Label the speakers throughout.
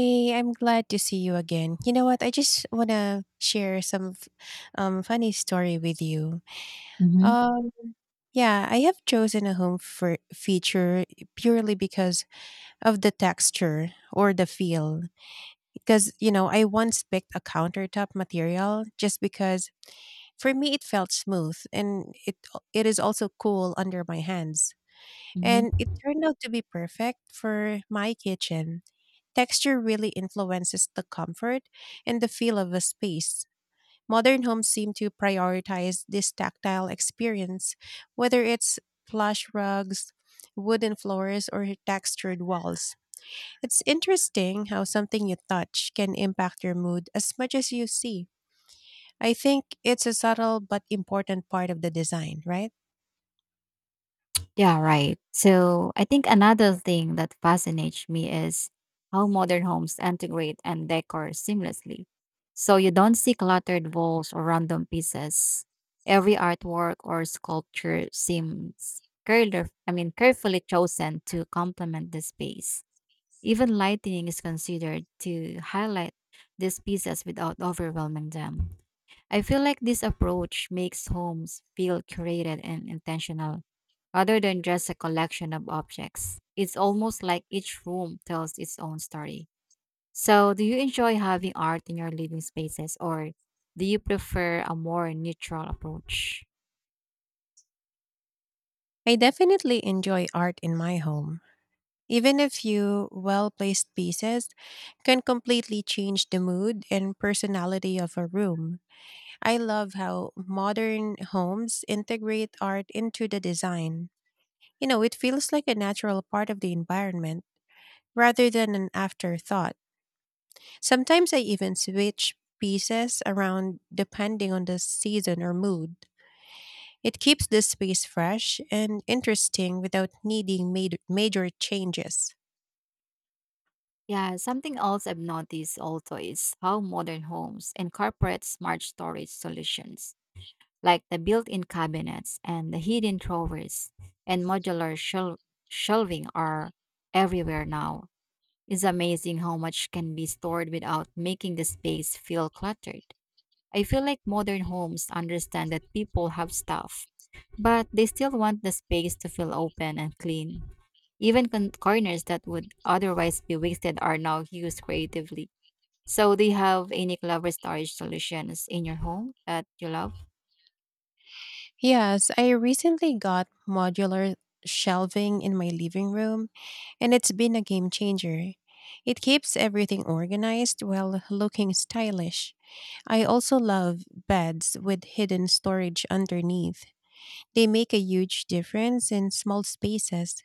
Speaker 1: Hey, I'm glad to see you again. You know what? I just want to share some funny story with you.
Speaker 2: hmm
Speaker 1: Um, yeah, I have chosen a home for feature purely because of the texture or the feel. Because, you know, I once picked a countertop material just because for me it felt smooth and it is also cool under my hands. And
Speaker 2: hmm
Speaker 1: it turned out to be perfect for my kitchen. Texture really influences the comfort and the feel of a space. Modern homes seem to prioritize this tactile experience, whether it's plush rugs, wooden floors, or textured walls. It's interesting how something you touch can impact your mood as much as you see. I think it's a subtle but important part of the design, right?
Speaker 2: Yeah, right. So I think another thing that fascinates me is how modern homes integrate and decor seamlessly. So you don't see cluttered walls or random pieces. Every artwork or sculpture seems carefully chosen to complement the space. Even lighting is considered to highlight these pieces without overwhelming them. I feel like this approach makes homes feel curated and intentional rather than just a collection of objects. It's almost like each room tells its own story. So, do you enjoy having art in your living spaces or do you prefer a more neutral approach?
Speaker 1: I definitely enjoy art in my home. Even a few well placed pieces can completely change the mood and personality of a room. I love how modern homes integrate art into the design. You know, it feels like a natural part of the environment rather than an afterthought. Sometimes I even switch pieces around depending on the season or mood. It keeps the space fresh and interesting without needing made major changes.
Speaker 2: Yeah, something else I've noticed also is how modern homes incorporate smart storage solutions like the built in cabinets and the hidden drawers and modular shelving are everywhere now. It's amazing how much can be stored without making the space feel cluttered. I feel like modern homes understand that people have stuff, but they still want the space to feel open and clean. Even corners that would otherwise be wasted are now used creatively. So, do you have any clever storage solutions in your home that you love?
Speaker 1: Yes, I recently got modular shelving in my living room, and it's been a game changer. It keeps everything organized while looking stylish. I also love beds with hidden storage underneath. They make a huge difference in small spaces.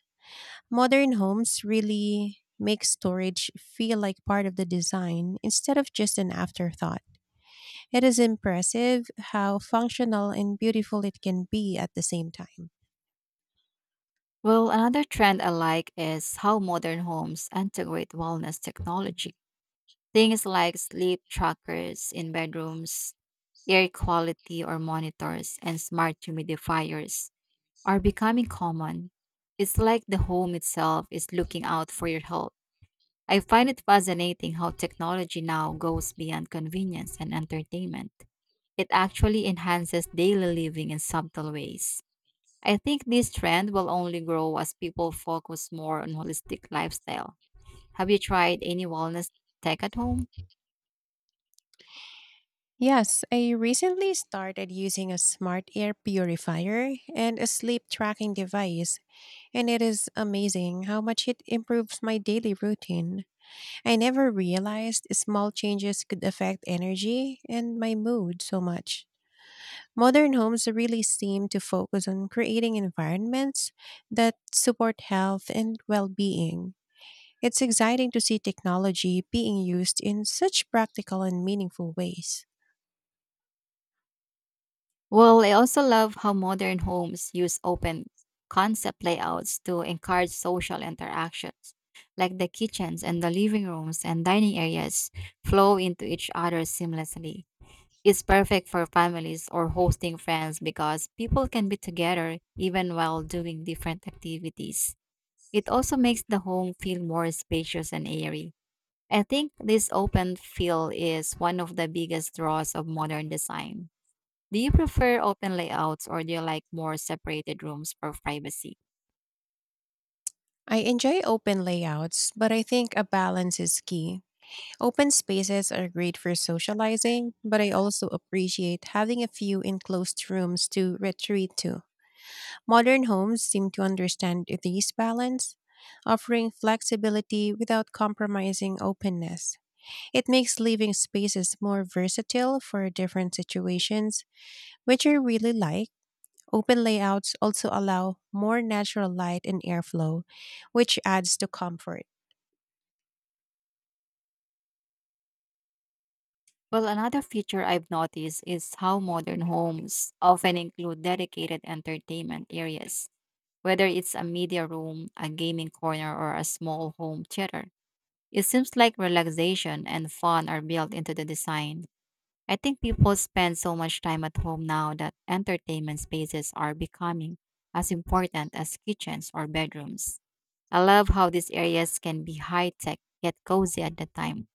Speaker 1: Modern homes really make storage feel like part of the design instead of just an afterthought. It is impressive how functional and beautiful it can be at the same time.
Speaker 2: Well, another trend I like is how modern homes integrate wellness technology. Things like sleep trackers in bedrooms, air quality or monitors, and smart humidifiers are becoming common. It's like the home itself is looking out for your health. I find it fascinating how technology now goes beyond convenience and entertainment. It actually enhances daily living in subtle ways. I think this trend will only grow as people focus more on holistic lifestyle. Have you tried any wellness tech at home?
Speaker 1: Yes, I recently started using a smart air purifier and a sleep tracking device, and it is amazing how much it improves my daily routine. I never realized small changes could affect energy and my mood so much. Modern homes really seem to focus on creating environments that support health and well being. It's exciting to see technology being used in such practical and meaningful ways.
Speaker 2: Well, I also love how modern homes use open concept layouts to encourage social interactions, like the kitchens and the living rooms and dining areas flow into each other seamlessly. It's perfect for families or hosting friends because people can be together even while doing different activities. It also makes the home feel more spacious and airy. I think this open feel is one of the biggest draws of modern design. Do you prefer open layouts or do you like more separated rooms for privacy?
Speaker 1: I enjoy open layouts, but I think a balance is key. Open spaces are great for socializing, but I also appreciate having a few enclosed rooms to retreat to. Modern homes seem to understand this balance, offering flexibility without compromising openness. It makes living spaces more versatile for different situations, which I really like. Open layouts also allow more natural light and airflow, which adds to comfort.
Speaker 2: Well, another feature I've noticed is how modern homes often include dedicated entertainment areas, whether it's a media room, a gaming corner, or a small home theater. It seems like relaxation and fun are built into the design. I think people spend so much time at home now that entertainment spaces are becoming as important as kitchens or bedrooms. I love how these areas can be high tech yet cozy at the time.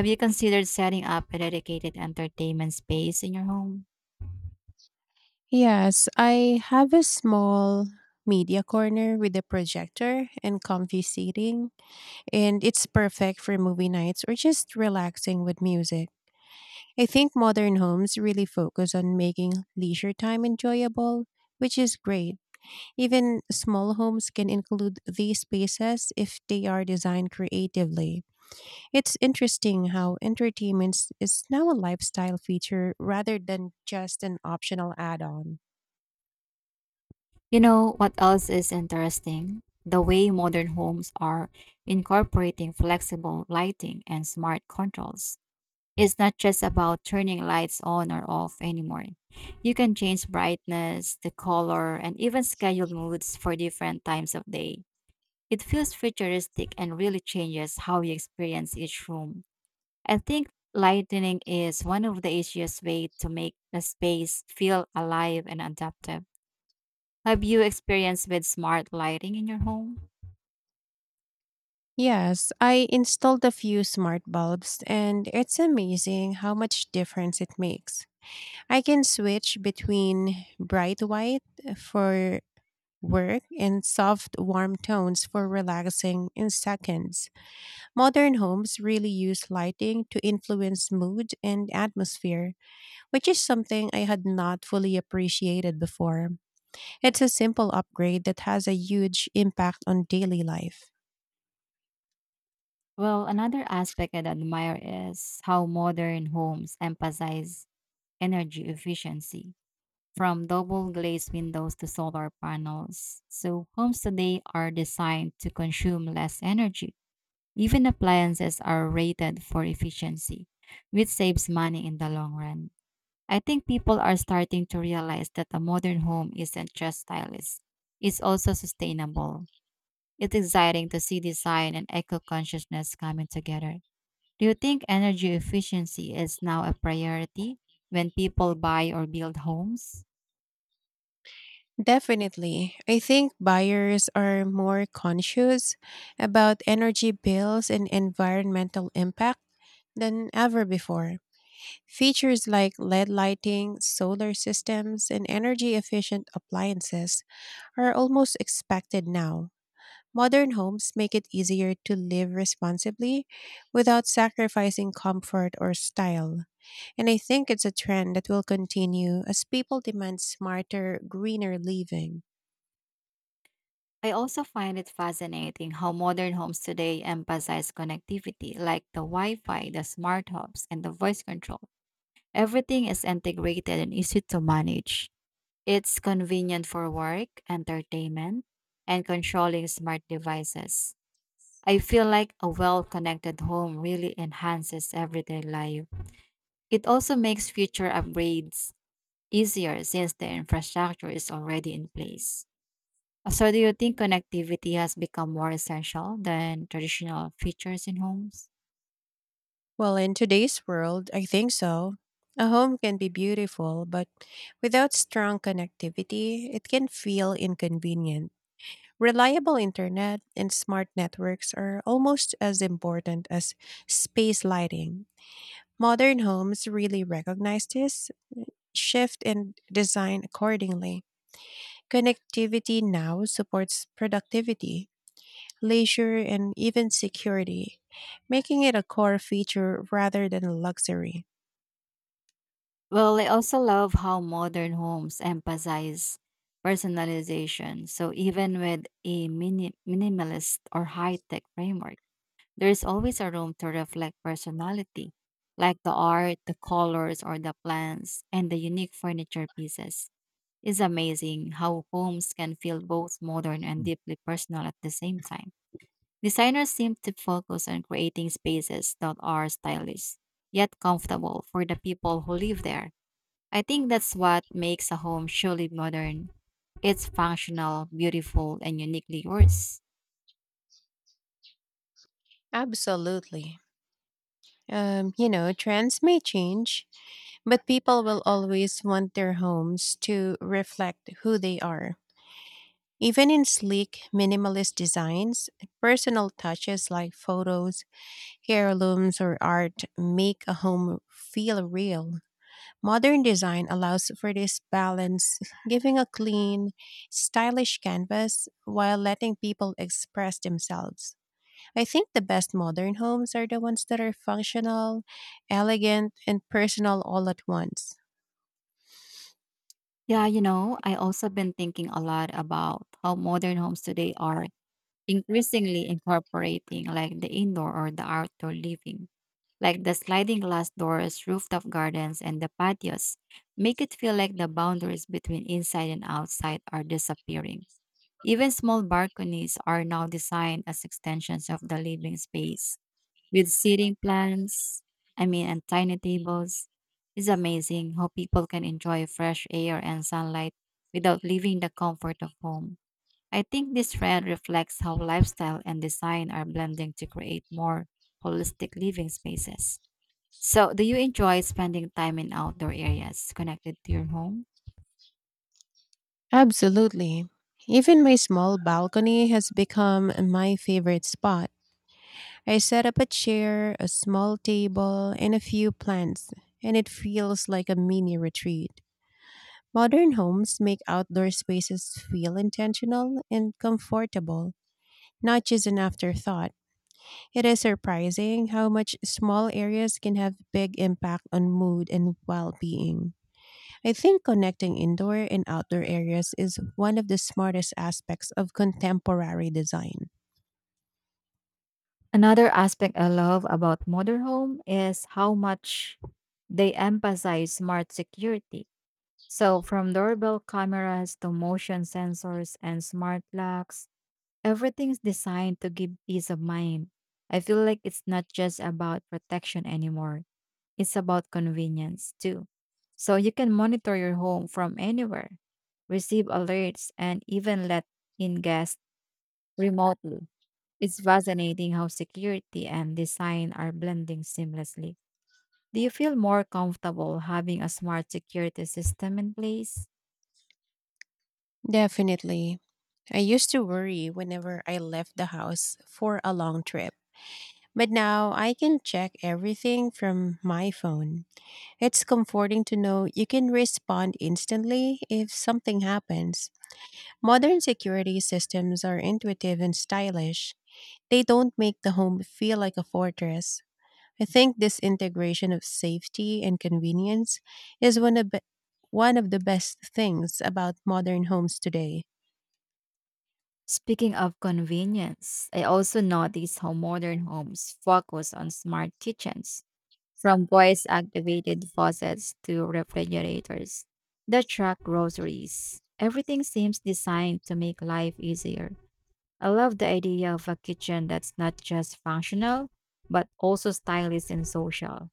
Speaker 2: Have you considered setting up a dedicated entertainment space in your home?
Speaker 1: Yes, I have a small media corner with a projector and comfy seating, and it's perfect for movie nights or just relaxing with music. I think modern homes really focus on making leisure time enjoyable, which is great. Even small homes can include these spaces if they are designed creatively. It's interesting how entertainment is now a lifestyle feature rather than just an optional add on.
Speaker 2: You know what else is interesting? The way modern homes are incorporating flexible lighting and smart controls. It's not just about turning lights on or off anymore. You can change brightness, the color, and even schedule moods for different times of day. It feels futuristic and really changes how you experience each room. I think lighting is one of the easiest ways to make a space feel alive and adaptive. Have you experienced with smart lighting in your home?
Speaker 1: Yes, I installed a few smart bulbs and it's amazing how much difference it makes. I can switch between bright white for work and soft warm tones for relaxing in seconds. Modern homes really use lighting to influence mood and atmosphere, which is something I had not fully appreciated before. It's a simple upgrade that has a huge impact on daily life.
Speaker 2: Well, another aspect I admire is how modern homes emphasize energy efficiency, from double glazed windows to solar panels. So, homes today are designed to consume less energy. Even appliances are rated for efficiency, which saves money in the long run. I think people are starting to realize that a modern home isn't just stylish, it's also sustainable. It's exciting to see design and eco consciousness coming together. Do you think energy efficiency is now a priority when people buy or build homes?
Speaker 1: Definitely. I think buyers are more conscious about energy bills and environmental impact than ever before. Features like LED lighting, solar systems, and energy efficient appliances are almost expected now. Modern homes make it easier to live responsibly without sacrificing comfort or style. And I think it's a trend that will continue as people demand smarter, greener living.
Speaker 2: I also find it fascinating how modern homes today emphasize connectivity, like the Wi Fi, the smart hubs, and the voice control. Everything is integrated and easy to manage. It's convenient for work, entertainment, and controlling smart devices. I feel like a well connected home really enhances everyday life. It also makes future upgrades easier since the infrastructure is already in place. So, do you think connectivity has become more essential than traditional features in homes?
Speaker 1: Well, in today's world, I think so. A home can be beautiful, but without strong connectivity, it can feel inconvenient. Reliable internet and smart networks are almost as important as space lighting. Modern homes really recognize this shift and design accordingly. Connectivity now supports productivity, leisure, and even security, making it a core feature rather than a luxury.
Speaker 2: Well, I also love how modern homes emphasize personalization. So, even with a minimalist or high tech framework, there's always a room to reflect personality, like the art, the colors, or the plants, and the unique furniture pieces. It's amazing how homes can feel both modern and deeply personal at the same time. Designers seem to focus on creating spaces that are stylish, yet comfortable for the people who live there. I think that's what makes a home truly modern. It's functional, beautiful, and uniquely yours.
Speaker 1: Absolutely. You know, trends may change, but people will always want their homes to reflect who they are. Even in sleek, minimalist designs, personal touches like photos, heirlooms, or art make a home feel real. Modern design allows for this balance, giving a clean, stylish canvas while letting people express themselves. I think the best modern homes are the ones that are functional, elegant, and personal all at once.
Speaker 2: Yeah, you know, I also been thinking a lot about how modern homes today are increasingly incorporating like the indoor or the outdoor living, like the sliding glass doors, rooftop gardens, and the patios, make it feel like the boundaries between inside and outside are disappearing. Even small balconies are now designed as extensions of the living space with seating plans, I mean, and tiny tables. It's amazing how people can enjoy fresh air and sunlight without leaving the comfort of home. I think this trend reflects how lifestyle and design are blending to create more holistic living spaces. So, do you enjoy spending time in outdoor areas connected to your home?
Speaker 1: Absolutely. Even my small balcony has become my favorite spot. I set up a chair, a small table, and a few plants, and it feels like a mini retreat. Modern homes make outdoor spaces feel intentional and comfortable, not just an afterthought. It is surprising how much small areas can have big impact on mood and well-being. I think connecting indoor and outdoor areas is one of the smartest aspects of contemporary design.
Speaker 2: Another aspect I love about motorhome is how much they emphasize smart security. So from doorbell cameras to motion sensors and smart locks, everything's designed to give peace of mind. I feel like it's not just about protection anymore. It's about convenience too. So you can monitor your home from anywhere, receive alerts, and even let in guests remotely. It's fascinating how security and design are blending seamlessly. Do you feel more comfortable having a smart security system in place?
Speaker 1: Definitely. I used to worry whenever I left the house for a long trip, but now I can check everything from my phone. It's comforting to know you can respond instantly if something happens. Modern security systems are intuitive and stylish. They don't make the home feel like a fortress. I think this integration of safety and convenience is one of the best things about modern homes today.
Speaker 2: Speaking of convenience, I also notice how modern homes focus on smart kitchens. From voice activated faucets to refrigerators that track groceries, everything seems designed to make life easier. I love the idea of a kitchen that's not just functional, but also stylish and social.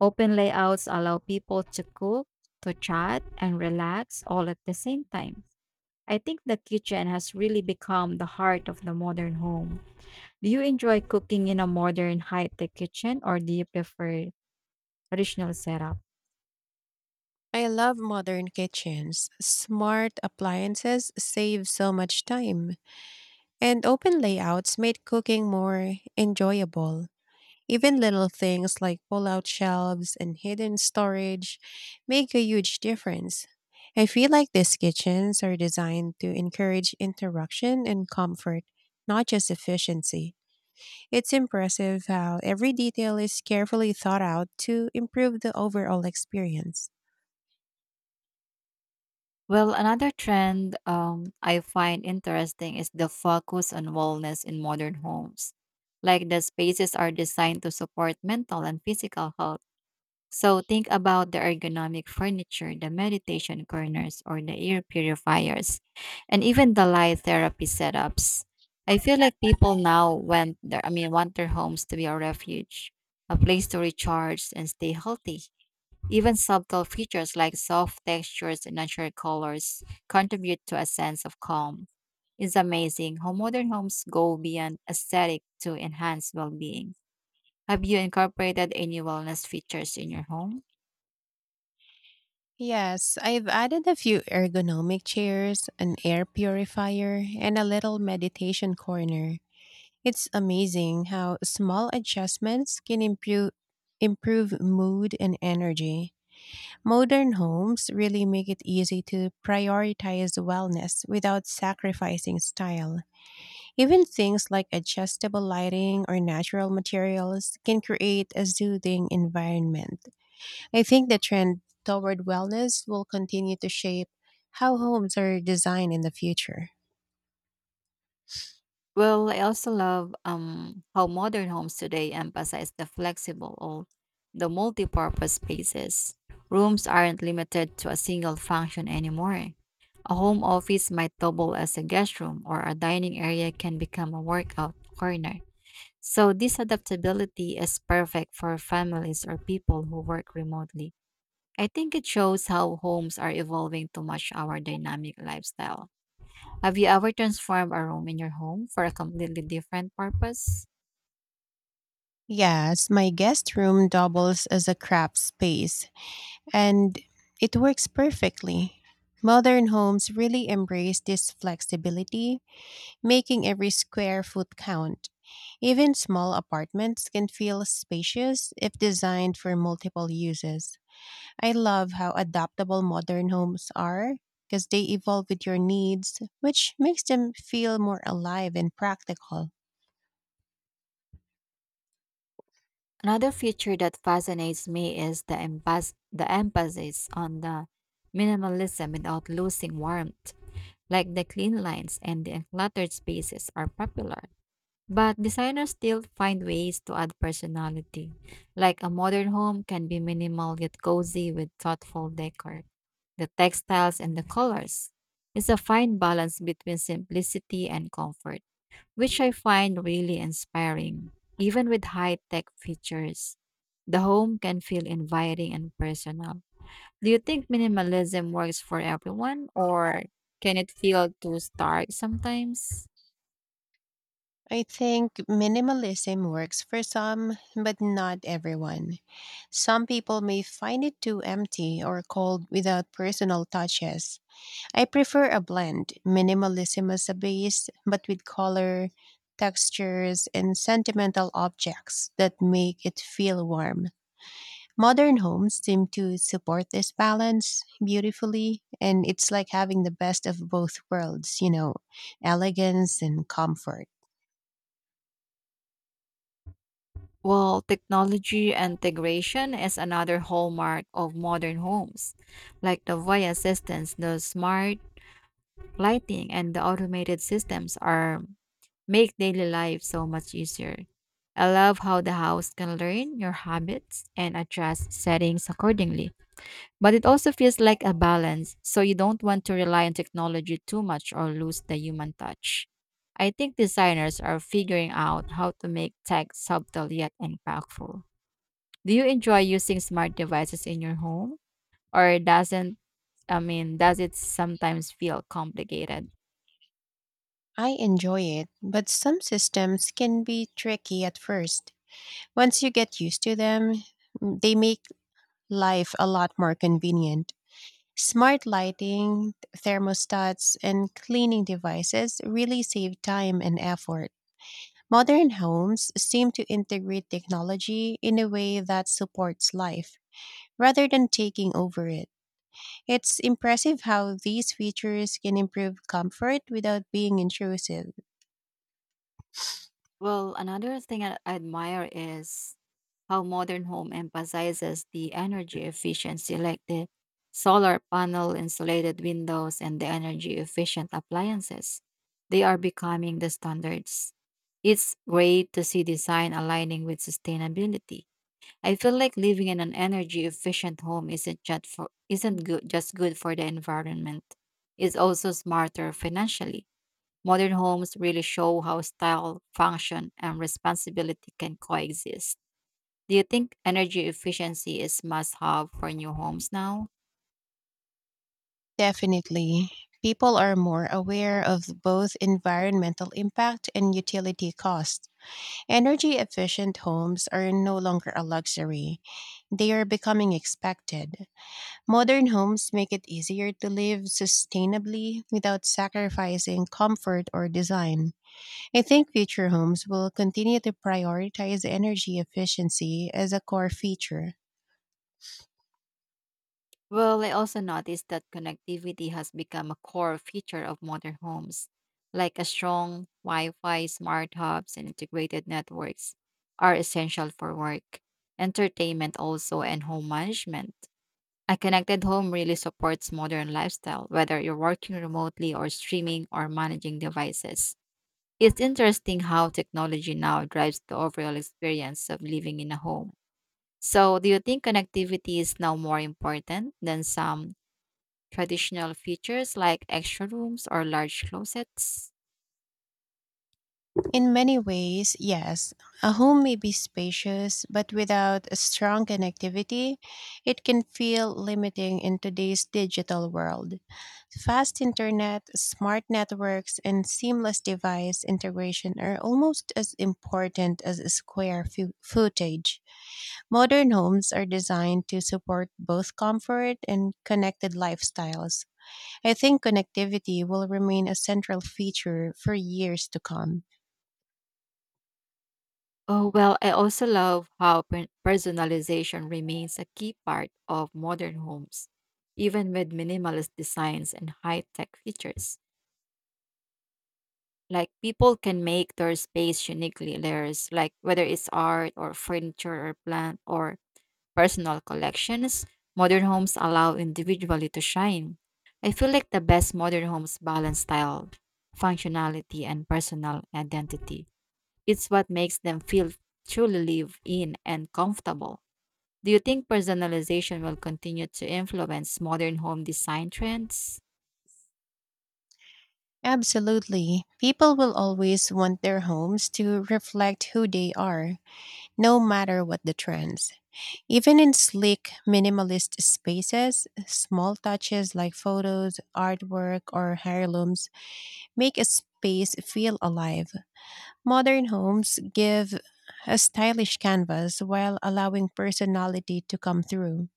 Speaker 2: Open layouts allow people to cook, to chat, and relax all at the same time. I think the kitchen has really become the heart of the modern home. Do you enjoy cooking in a modern high tech kitchen or do you prefer traditional setup?
Speaker 1: I love modern kitchens. Smart appliances save so much time, and open layouts make cooking more enjoyable. Even little things like pull out shelves and hidden storage make a huge difference. I feel like these kitchens are designed to encourage interaction and comfort, not just efficiency. It's impressive how every detail is carefully thought out to improve the overall experience.
Speaker 2: Well, another trend I find interesting is the focus on wellness in modern homes. Like the spaces are designed to support mental and physical health. So think about the ergonomic furniture, the meditation corners, or the air purifiers, and even the light therapy setups. I feel like people now want their homes to be a refuge, a place to recharge and stay healthy. Even subtle features like soft textures and natural colors contribute to a sense of calm. It's amazing how modern homes go beyond aesthetic to enhance well being. Have you incorporated any wellness features in your home?
Speaker 1: Yes, I've added a few ergonomic chairs, an air purifier, and a little meditation corner. It's amazing how small adjustments can improve mood and energy. Modern homes really make it easy to prioritize wellness without sacrificing style. Even things like adjustable lighting or natural materials can create a soothing environment. I think the trend toward wellness will continue to shape how homes are designed in the future.
Speaker 2: Well, I also love how modern homes today emphasize the flexible or the multi-purpose spaces. Rooms aren't limited to a single function anymore. A home office might double as a guest room, or a dining area can become a workout corner. So, this adaptability is perfect for families or people who work remotely. I think it shows how homes are evolving to match our dynamic lifestyle. Have you ever transformed a room in your home for a completely different purpose?
Speaker 1: Yes, my guest room doubles as a craft space, and it works perfectly. Modern homes really embrace this flexibility making every square foot count. Even small apartments can feel spacious if designed for multiple uses. I love how adaptable modern homes are because they evolve with your needs, which makes them feel more alive and practical.
Speaker 2: Another feature that fascinates me is the emphasis on the minimalism without losing warmth, like the clean lines and the uncluttered spaces are popular, but designers still find ways to add personality. Like a modern home can be minimal yet cozy with thoughtful decor, the textiles and the colors. It's a fine balance between simplicity and comfort, which I find really inspiring, even with high tech features. The home can feel inviting and personal. Do you think minimalism works for everyone, or can it feel too stark sometimes?
Speaker 1: I think minimalism works for some, but not everyone. Some people may find it too empty or cold without personal touches. I prefer a blend. Minimalism as a base, but with color, textures, and sentimental objects that make it feel warm. Modern homes seem to support this balance beautifully, and it's like having the best of both worlds, you know, elegance and comfort.
Speaker 2: Well, technology integration is another hallmark of modern homes. Like the Voya assistants, the smart lighting and the automated systems are make daily life so much easier. I love how the house can learn your habits and adjust settings accordingly. But it also feels like a balance, so you don't want to rely on technology too much or lose the human touch. I think designers are figuring out how to make tech subtle yet impactful. Do you enjoy using smart devices in your home or doesn't I mean, does it sometimes feel complicated?
Speaker 1: I enjoy it, but some systems can be tricky at first. Once you get used to them, they make life a lot more convenient. Smart lighting, thermostats, and cleaning devices really save time and effort. Modern homes seem to integrate technology in a way that supports life rather than taking over it. It's impressive how these features can improve comfort without being intrusive.
Speaker 2: Well, another thing I admire is how modern home emphasizes the energy efficiency, like the solar panel, insulated windows, and the energy efficient appliances. They are becoming the standards. It's great to see design aligning with sustainability. I feel like living in an energy efficient home isn't good just good for the environment. It's also smarter financially. Modern homes really show how style, function, and responsibility can coexist. Do you think energy efficiency is must have for new homes now?
Speaker 1: Definitely. People are more aware of both environmental impact and utility costs. Energy efficient homes are no longer a luxury, they are becoming expected. Modern homes make it easier to live sustainably without sacrificing comfort or design. I think future homes will continue to prioritize energy efficiency as a core feature.
Speaker 2: Well, I also noticed that connectivity has become a core feature of modern homes, like a strong Wi Fi, smart hubs, and integrated networks are essential for work, entertainment, also, and home management. A connected home really supports modern lifestyle, whether you're working remotely or streaming or managing devices. It's interesting how technology now drives the overall experience of living in a home. So, do you think connectivity is now more important than some traditional features like extra rooms or large closets?
Speaker 1: In many ways, yes. A home may be spacious, but without a strong connectivity, it can feel limiting in today's digital world. Fast internet, smart networks, and seamless device integration are almost as important as square footage. Modern homes are designed to support both comfort and connected lifestyles. I think connectivity will remain a central feature for years to come.
Speaker 2: Oh, well, I also love how personalization remains a key part of modern homes, even with minimalist designs and high tech features. Like, people can make their space uniquely theirs, like whether it's art or furniture or plant or personal collections, modern homes allow individually to shine. I feel like the best modern homes balance style, functionality, and personal identity. It's what makes them feel truly live in and comfortable. Do you think personalization will continue to influence modern home design trends?
Speaker 1: Absolutely. People will always want their homes to reflect who they are, no matter what the trends. Even in sleek, minimalist spaces, small touches like photos, artwork, or heirlooms make a space feel alive. Modern homes give a stylish canvas while allowing personality to come through.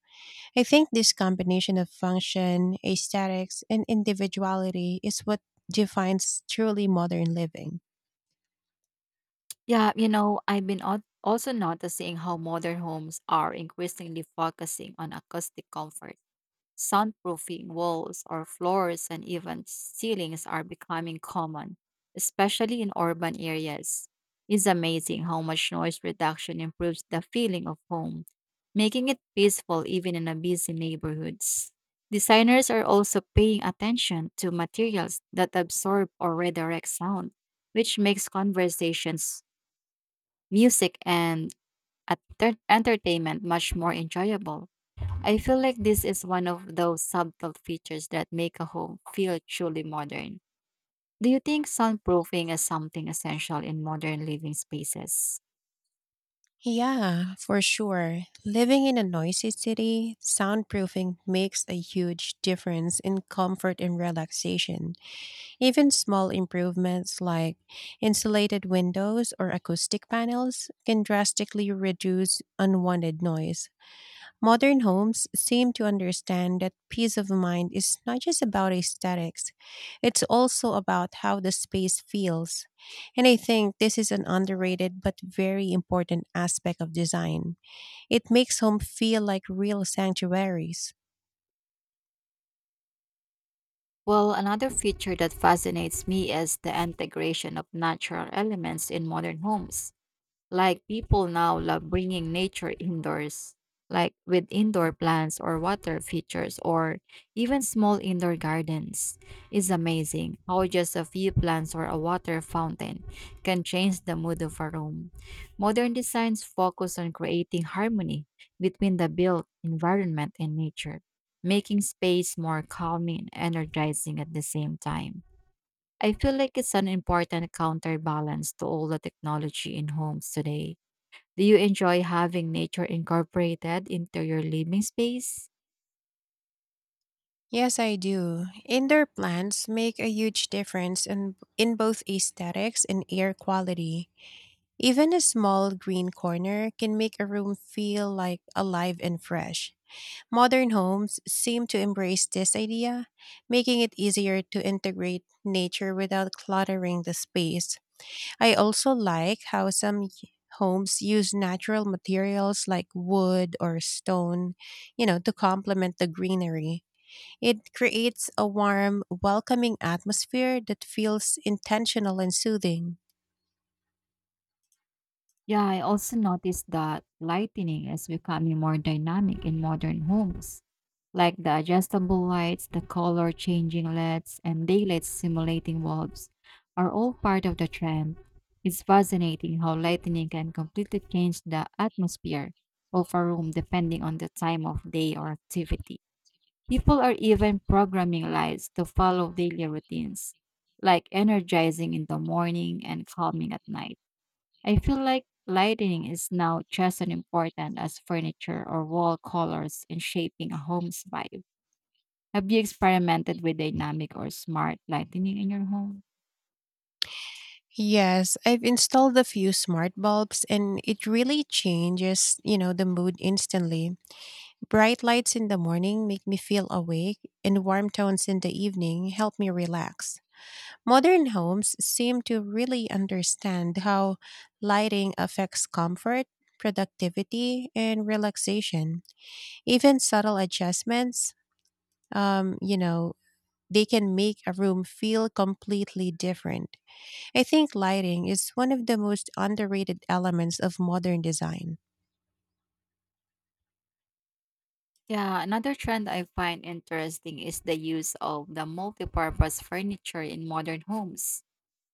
Speaker 1: I think this combination of function, aesthetics, and individuality is what defines truly modern living.
Speaker 2: Yeah, you know, I've been also noticing how modern homes are increasingly focusing on acoustic comfort. Soundproofing walls or floors and even ceilings are becoming common, especially in urban areas. It's amazing how much noise reduction improves the feeling of home, making it peaceful even in a busy neighborhoods. Designers are also paying attention to materials that absorb or redirect sound, which makes conversations, music, and entertainment much more enjoyable. I feel like this is one of those subtle features that make a home feel truly modern. Do you think soundproofing is something essential in modern living spaces?
Speaker 1: Yeah, for sure. Living in a noisy city, soundproofing makes a huge difference in comfort and relaxation. Even small improvements like insulated windows or acoustic panels can drastically reduce unwanted noise. Modern homes seem to understand that peace of mind is not just about aesthetics, it's also about how the space feels. And I think this is an underrated but very important aspect of design. It makes home feel like real sanctuaries.
Speaker 2: Well, another feature that fascinates me is the integration of natural elements in modern homes. Like people now love bringing nature indoors, like with indoor plants or water features or even small indoor gardens. It's amazing how just a few plants or a water fountain can change the mood of a room. Modern designs focus on creating harmony between the built environment and nature, making space more calming and energizing at the same time. I feel like it's an important counterbalance to all the technology in homes today. Do you enjoy having nature incorporated into your living space?
Speaker 1: Yes, I do. Indoor plants make a huge difference in both aesthetics and air quality. Even a small green corner can make a room feel like alive and fresh. Modern homes seem to embrace this idea, making it easier to integrate nature without cluttering the space. I also like how some homes use natural materials like wood or stone, you know, to complement the greenery. It creates a warm, welcoming atmosphere that feels intentional and soothing.
Speaker 2: Yeah, I also noticed that lighting is becoming more dynamic in modern homes, like the adjustable lights, the color changing LEDs, and daylight simulating bulbs are all part of the trend. It's fascinating how lighting can completely change the atmosphere of a room depending on the time of day or activity. People are even programming lights to follow daily routines, like energizing in the morning and calming at night. I feel like lighting is now just as important as furniture or wall colors in shaping a home's vibe. Have you experimented with dynamic or smart lighting in your home?
Speaker 1: Yes, I've installed a few smart bulbs and it really changes, you know, the mood instantly. Bright lights in the morning make me feel awake, and warm tones in the evening help me relax. Modern homes seem to really understand how lighting affects comfort, productivity, and relaxation. Even subtle adjustments, you know, they can make a room feel completely different. I think lighting is one of the most underrated elements of modern design.
Speaker 2: Yeah, another trend I find interesting is the use of the multi-purpose furniture in modern homes,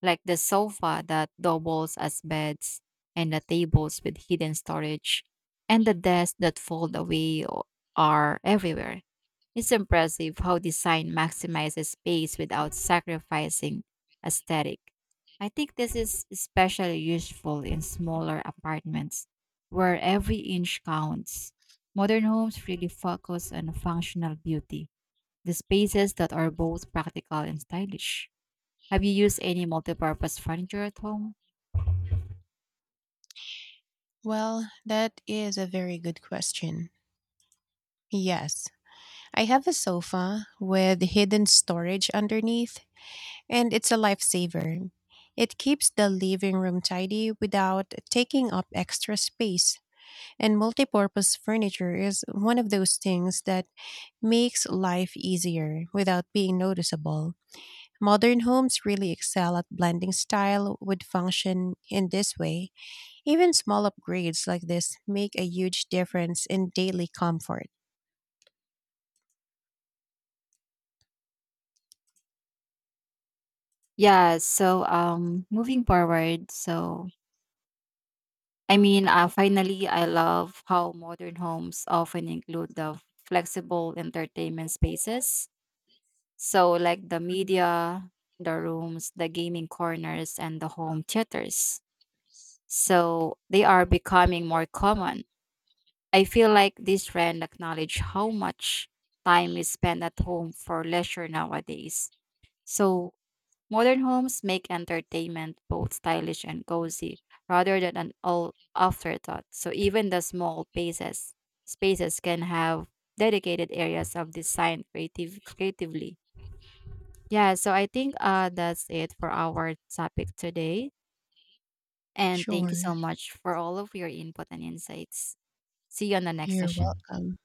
Speaker 2: like the sofa that doubles as beds and the tables with hidden storage and the desks that fold away are everywhere. It's impressive how design maximizes space without sacrificing aesthetic. I think this is especially useful in smaller apartments where every inch counts. Modern homes really focus on functional beauty, the spaces that are both practical and stylish. Have you used any multi-purpose furniture at home?
Speaker 1: Well, that is a very good question. Yes. I have a sofa with hidden storage underneath, and it's a lifesaver. It keeps the living room tidy without taking up extra space, and multipurpose furniture is one of those things that makes life easier without being noticeable. Modern homes really excel at blending style with function in this way. Even small upgrades like this make a huge difference in daily comfort.
Speaker 2: Yeah, so moving forward, so I mean, finally I love how modern homes often include the flexible entertainment spaces. So like the
Speaker 1: Mhm.
Speaker 2: media, the rooms, the gaming corners and the home theaters. So they are becoming more common. I feel like this trend acknowledge how much time is spent at home for leisure nowadays. So modern homes make entertainment both stylish and cozy rather than an all afterthought. So even the small spaces can have dedicated areas of design creatively. Yeah, so I think that's it for our topic today. And thank
Speaker 1: Sure,
Speaker 2: you so much for all of your input and insights. See you on the next
Speaker 1: you're
Speaker 2: session.
Speaker 1: welcome.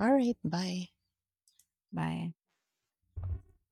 Speaker 1: All right, bye.
Speaker 2: Bye.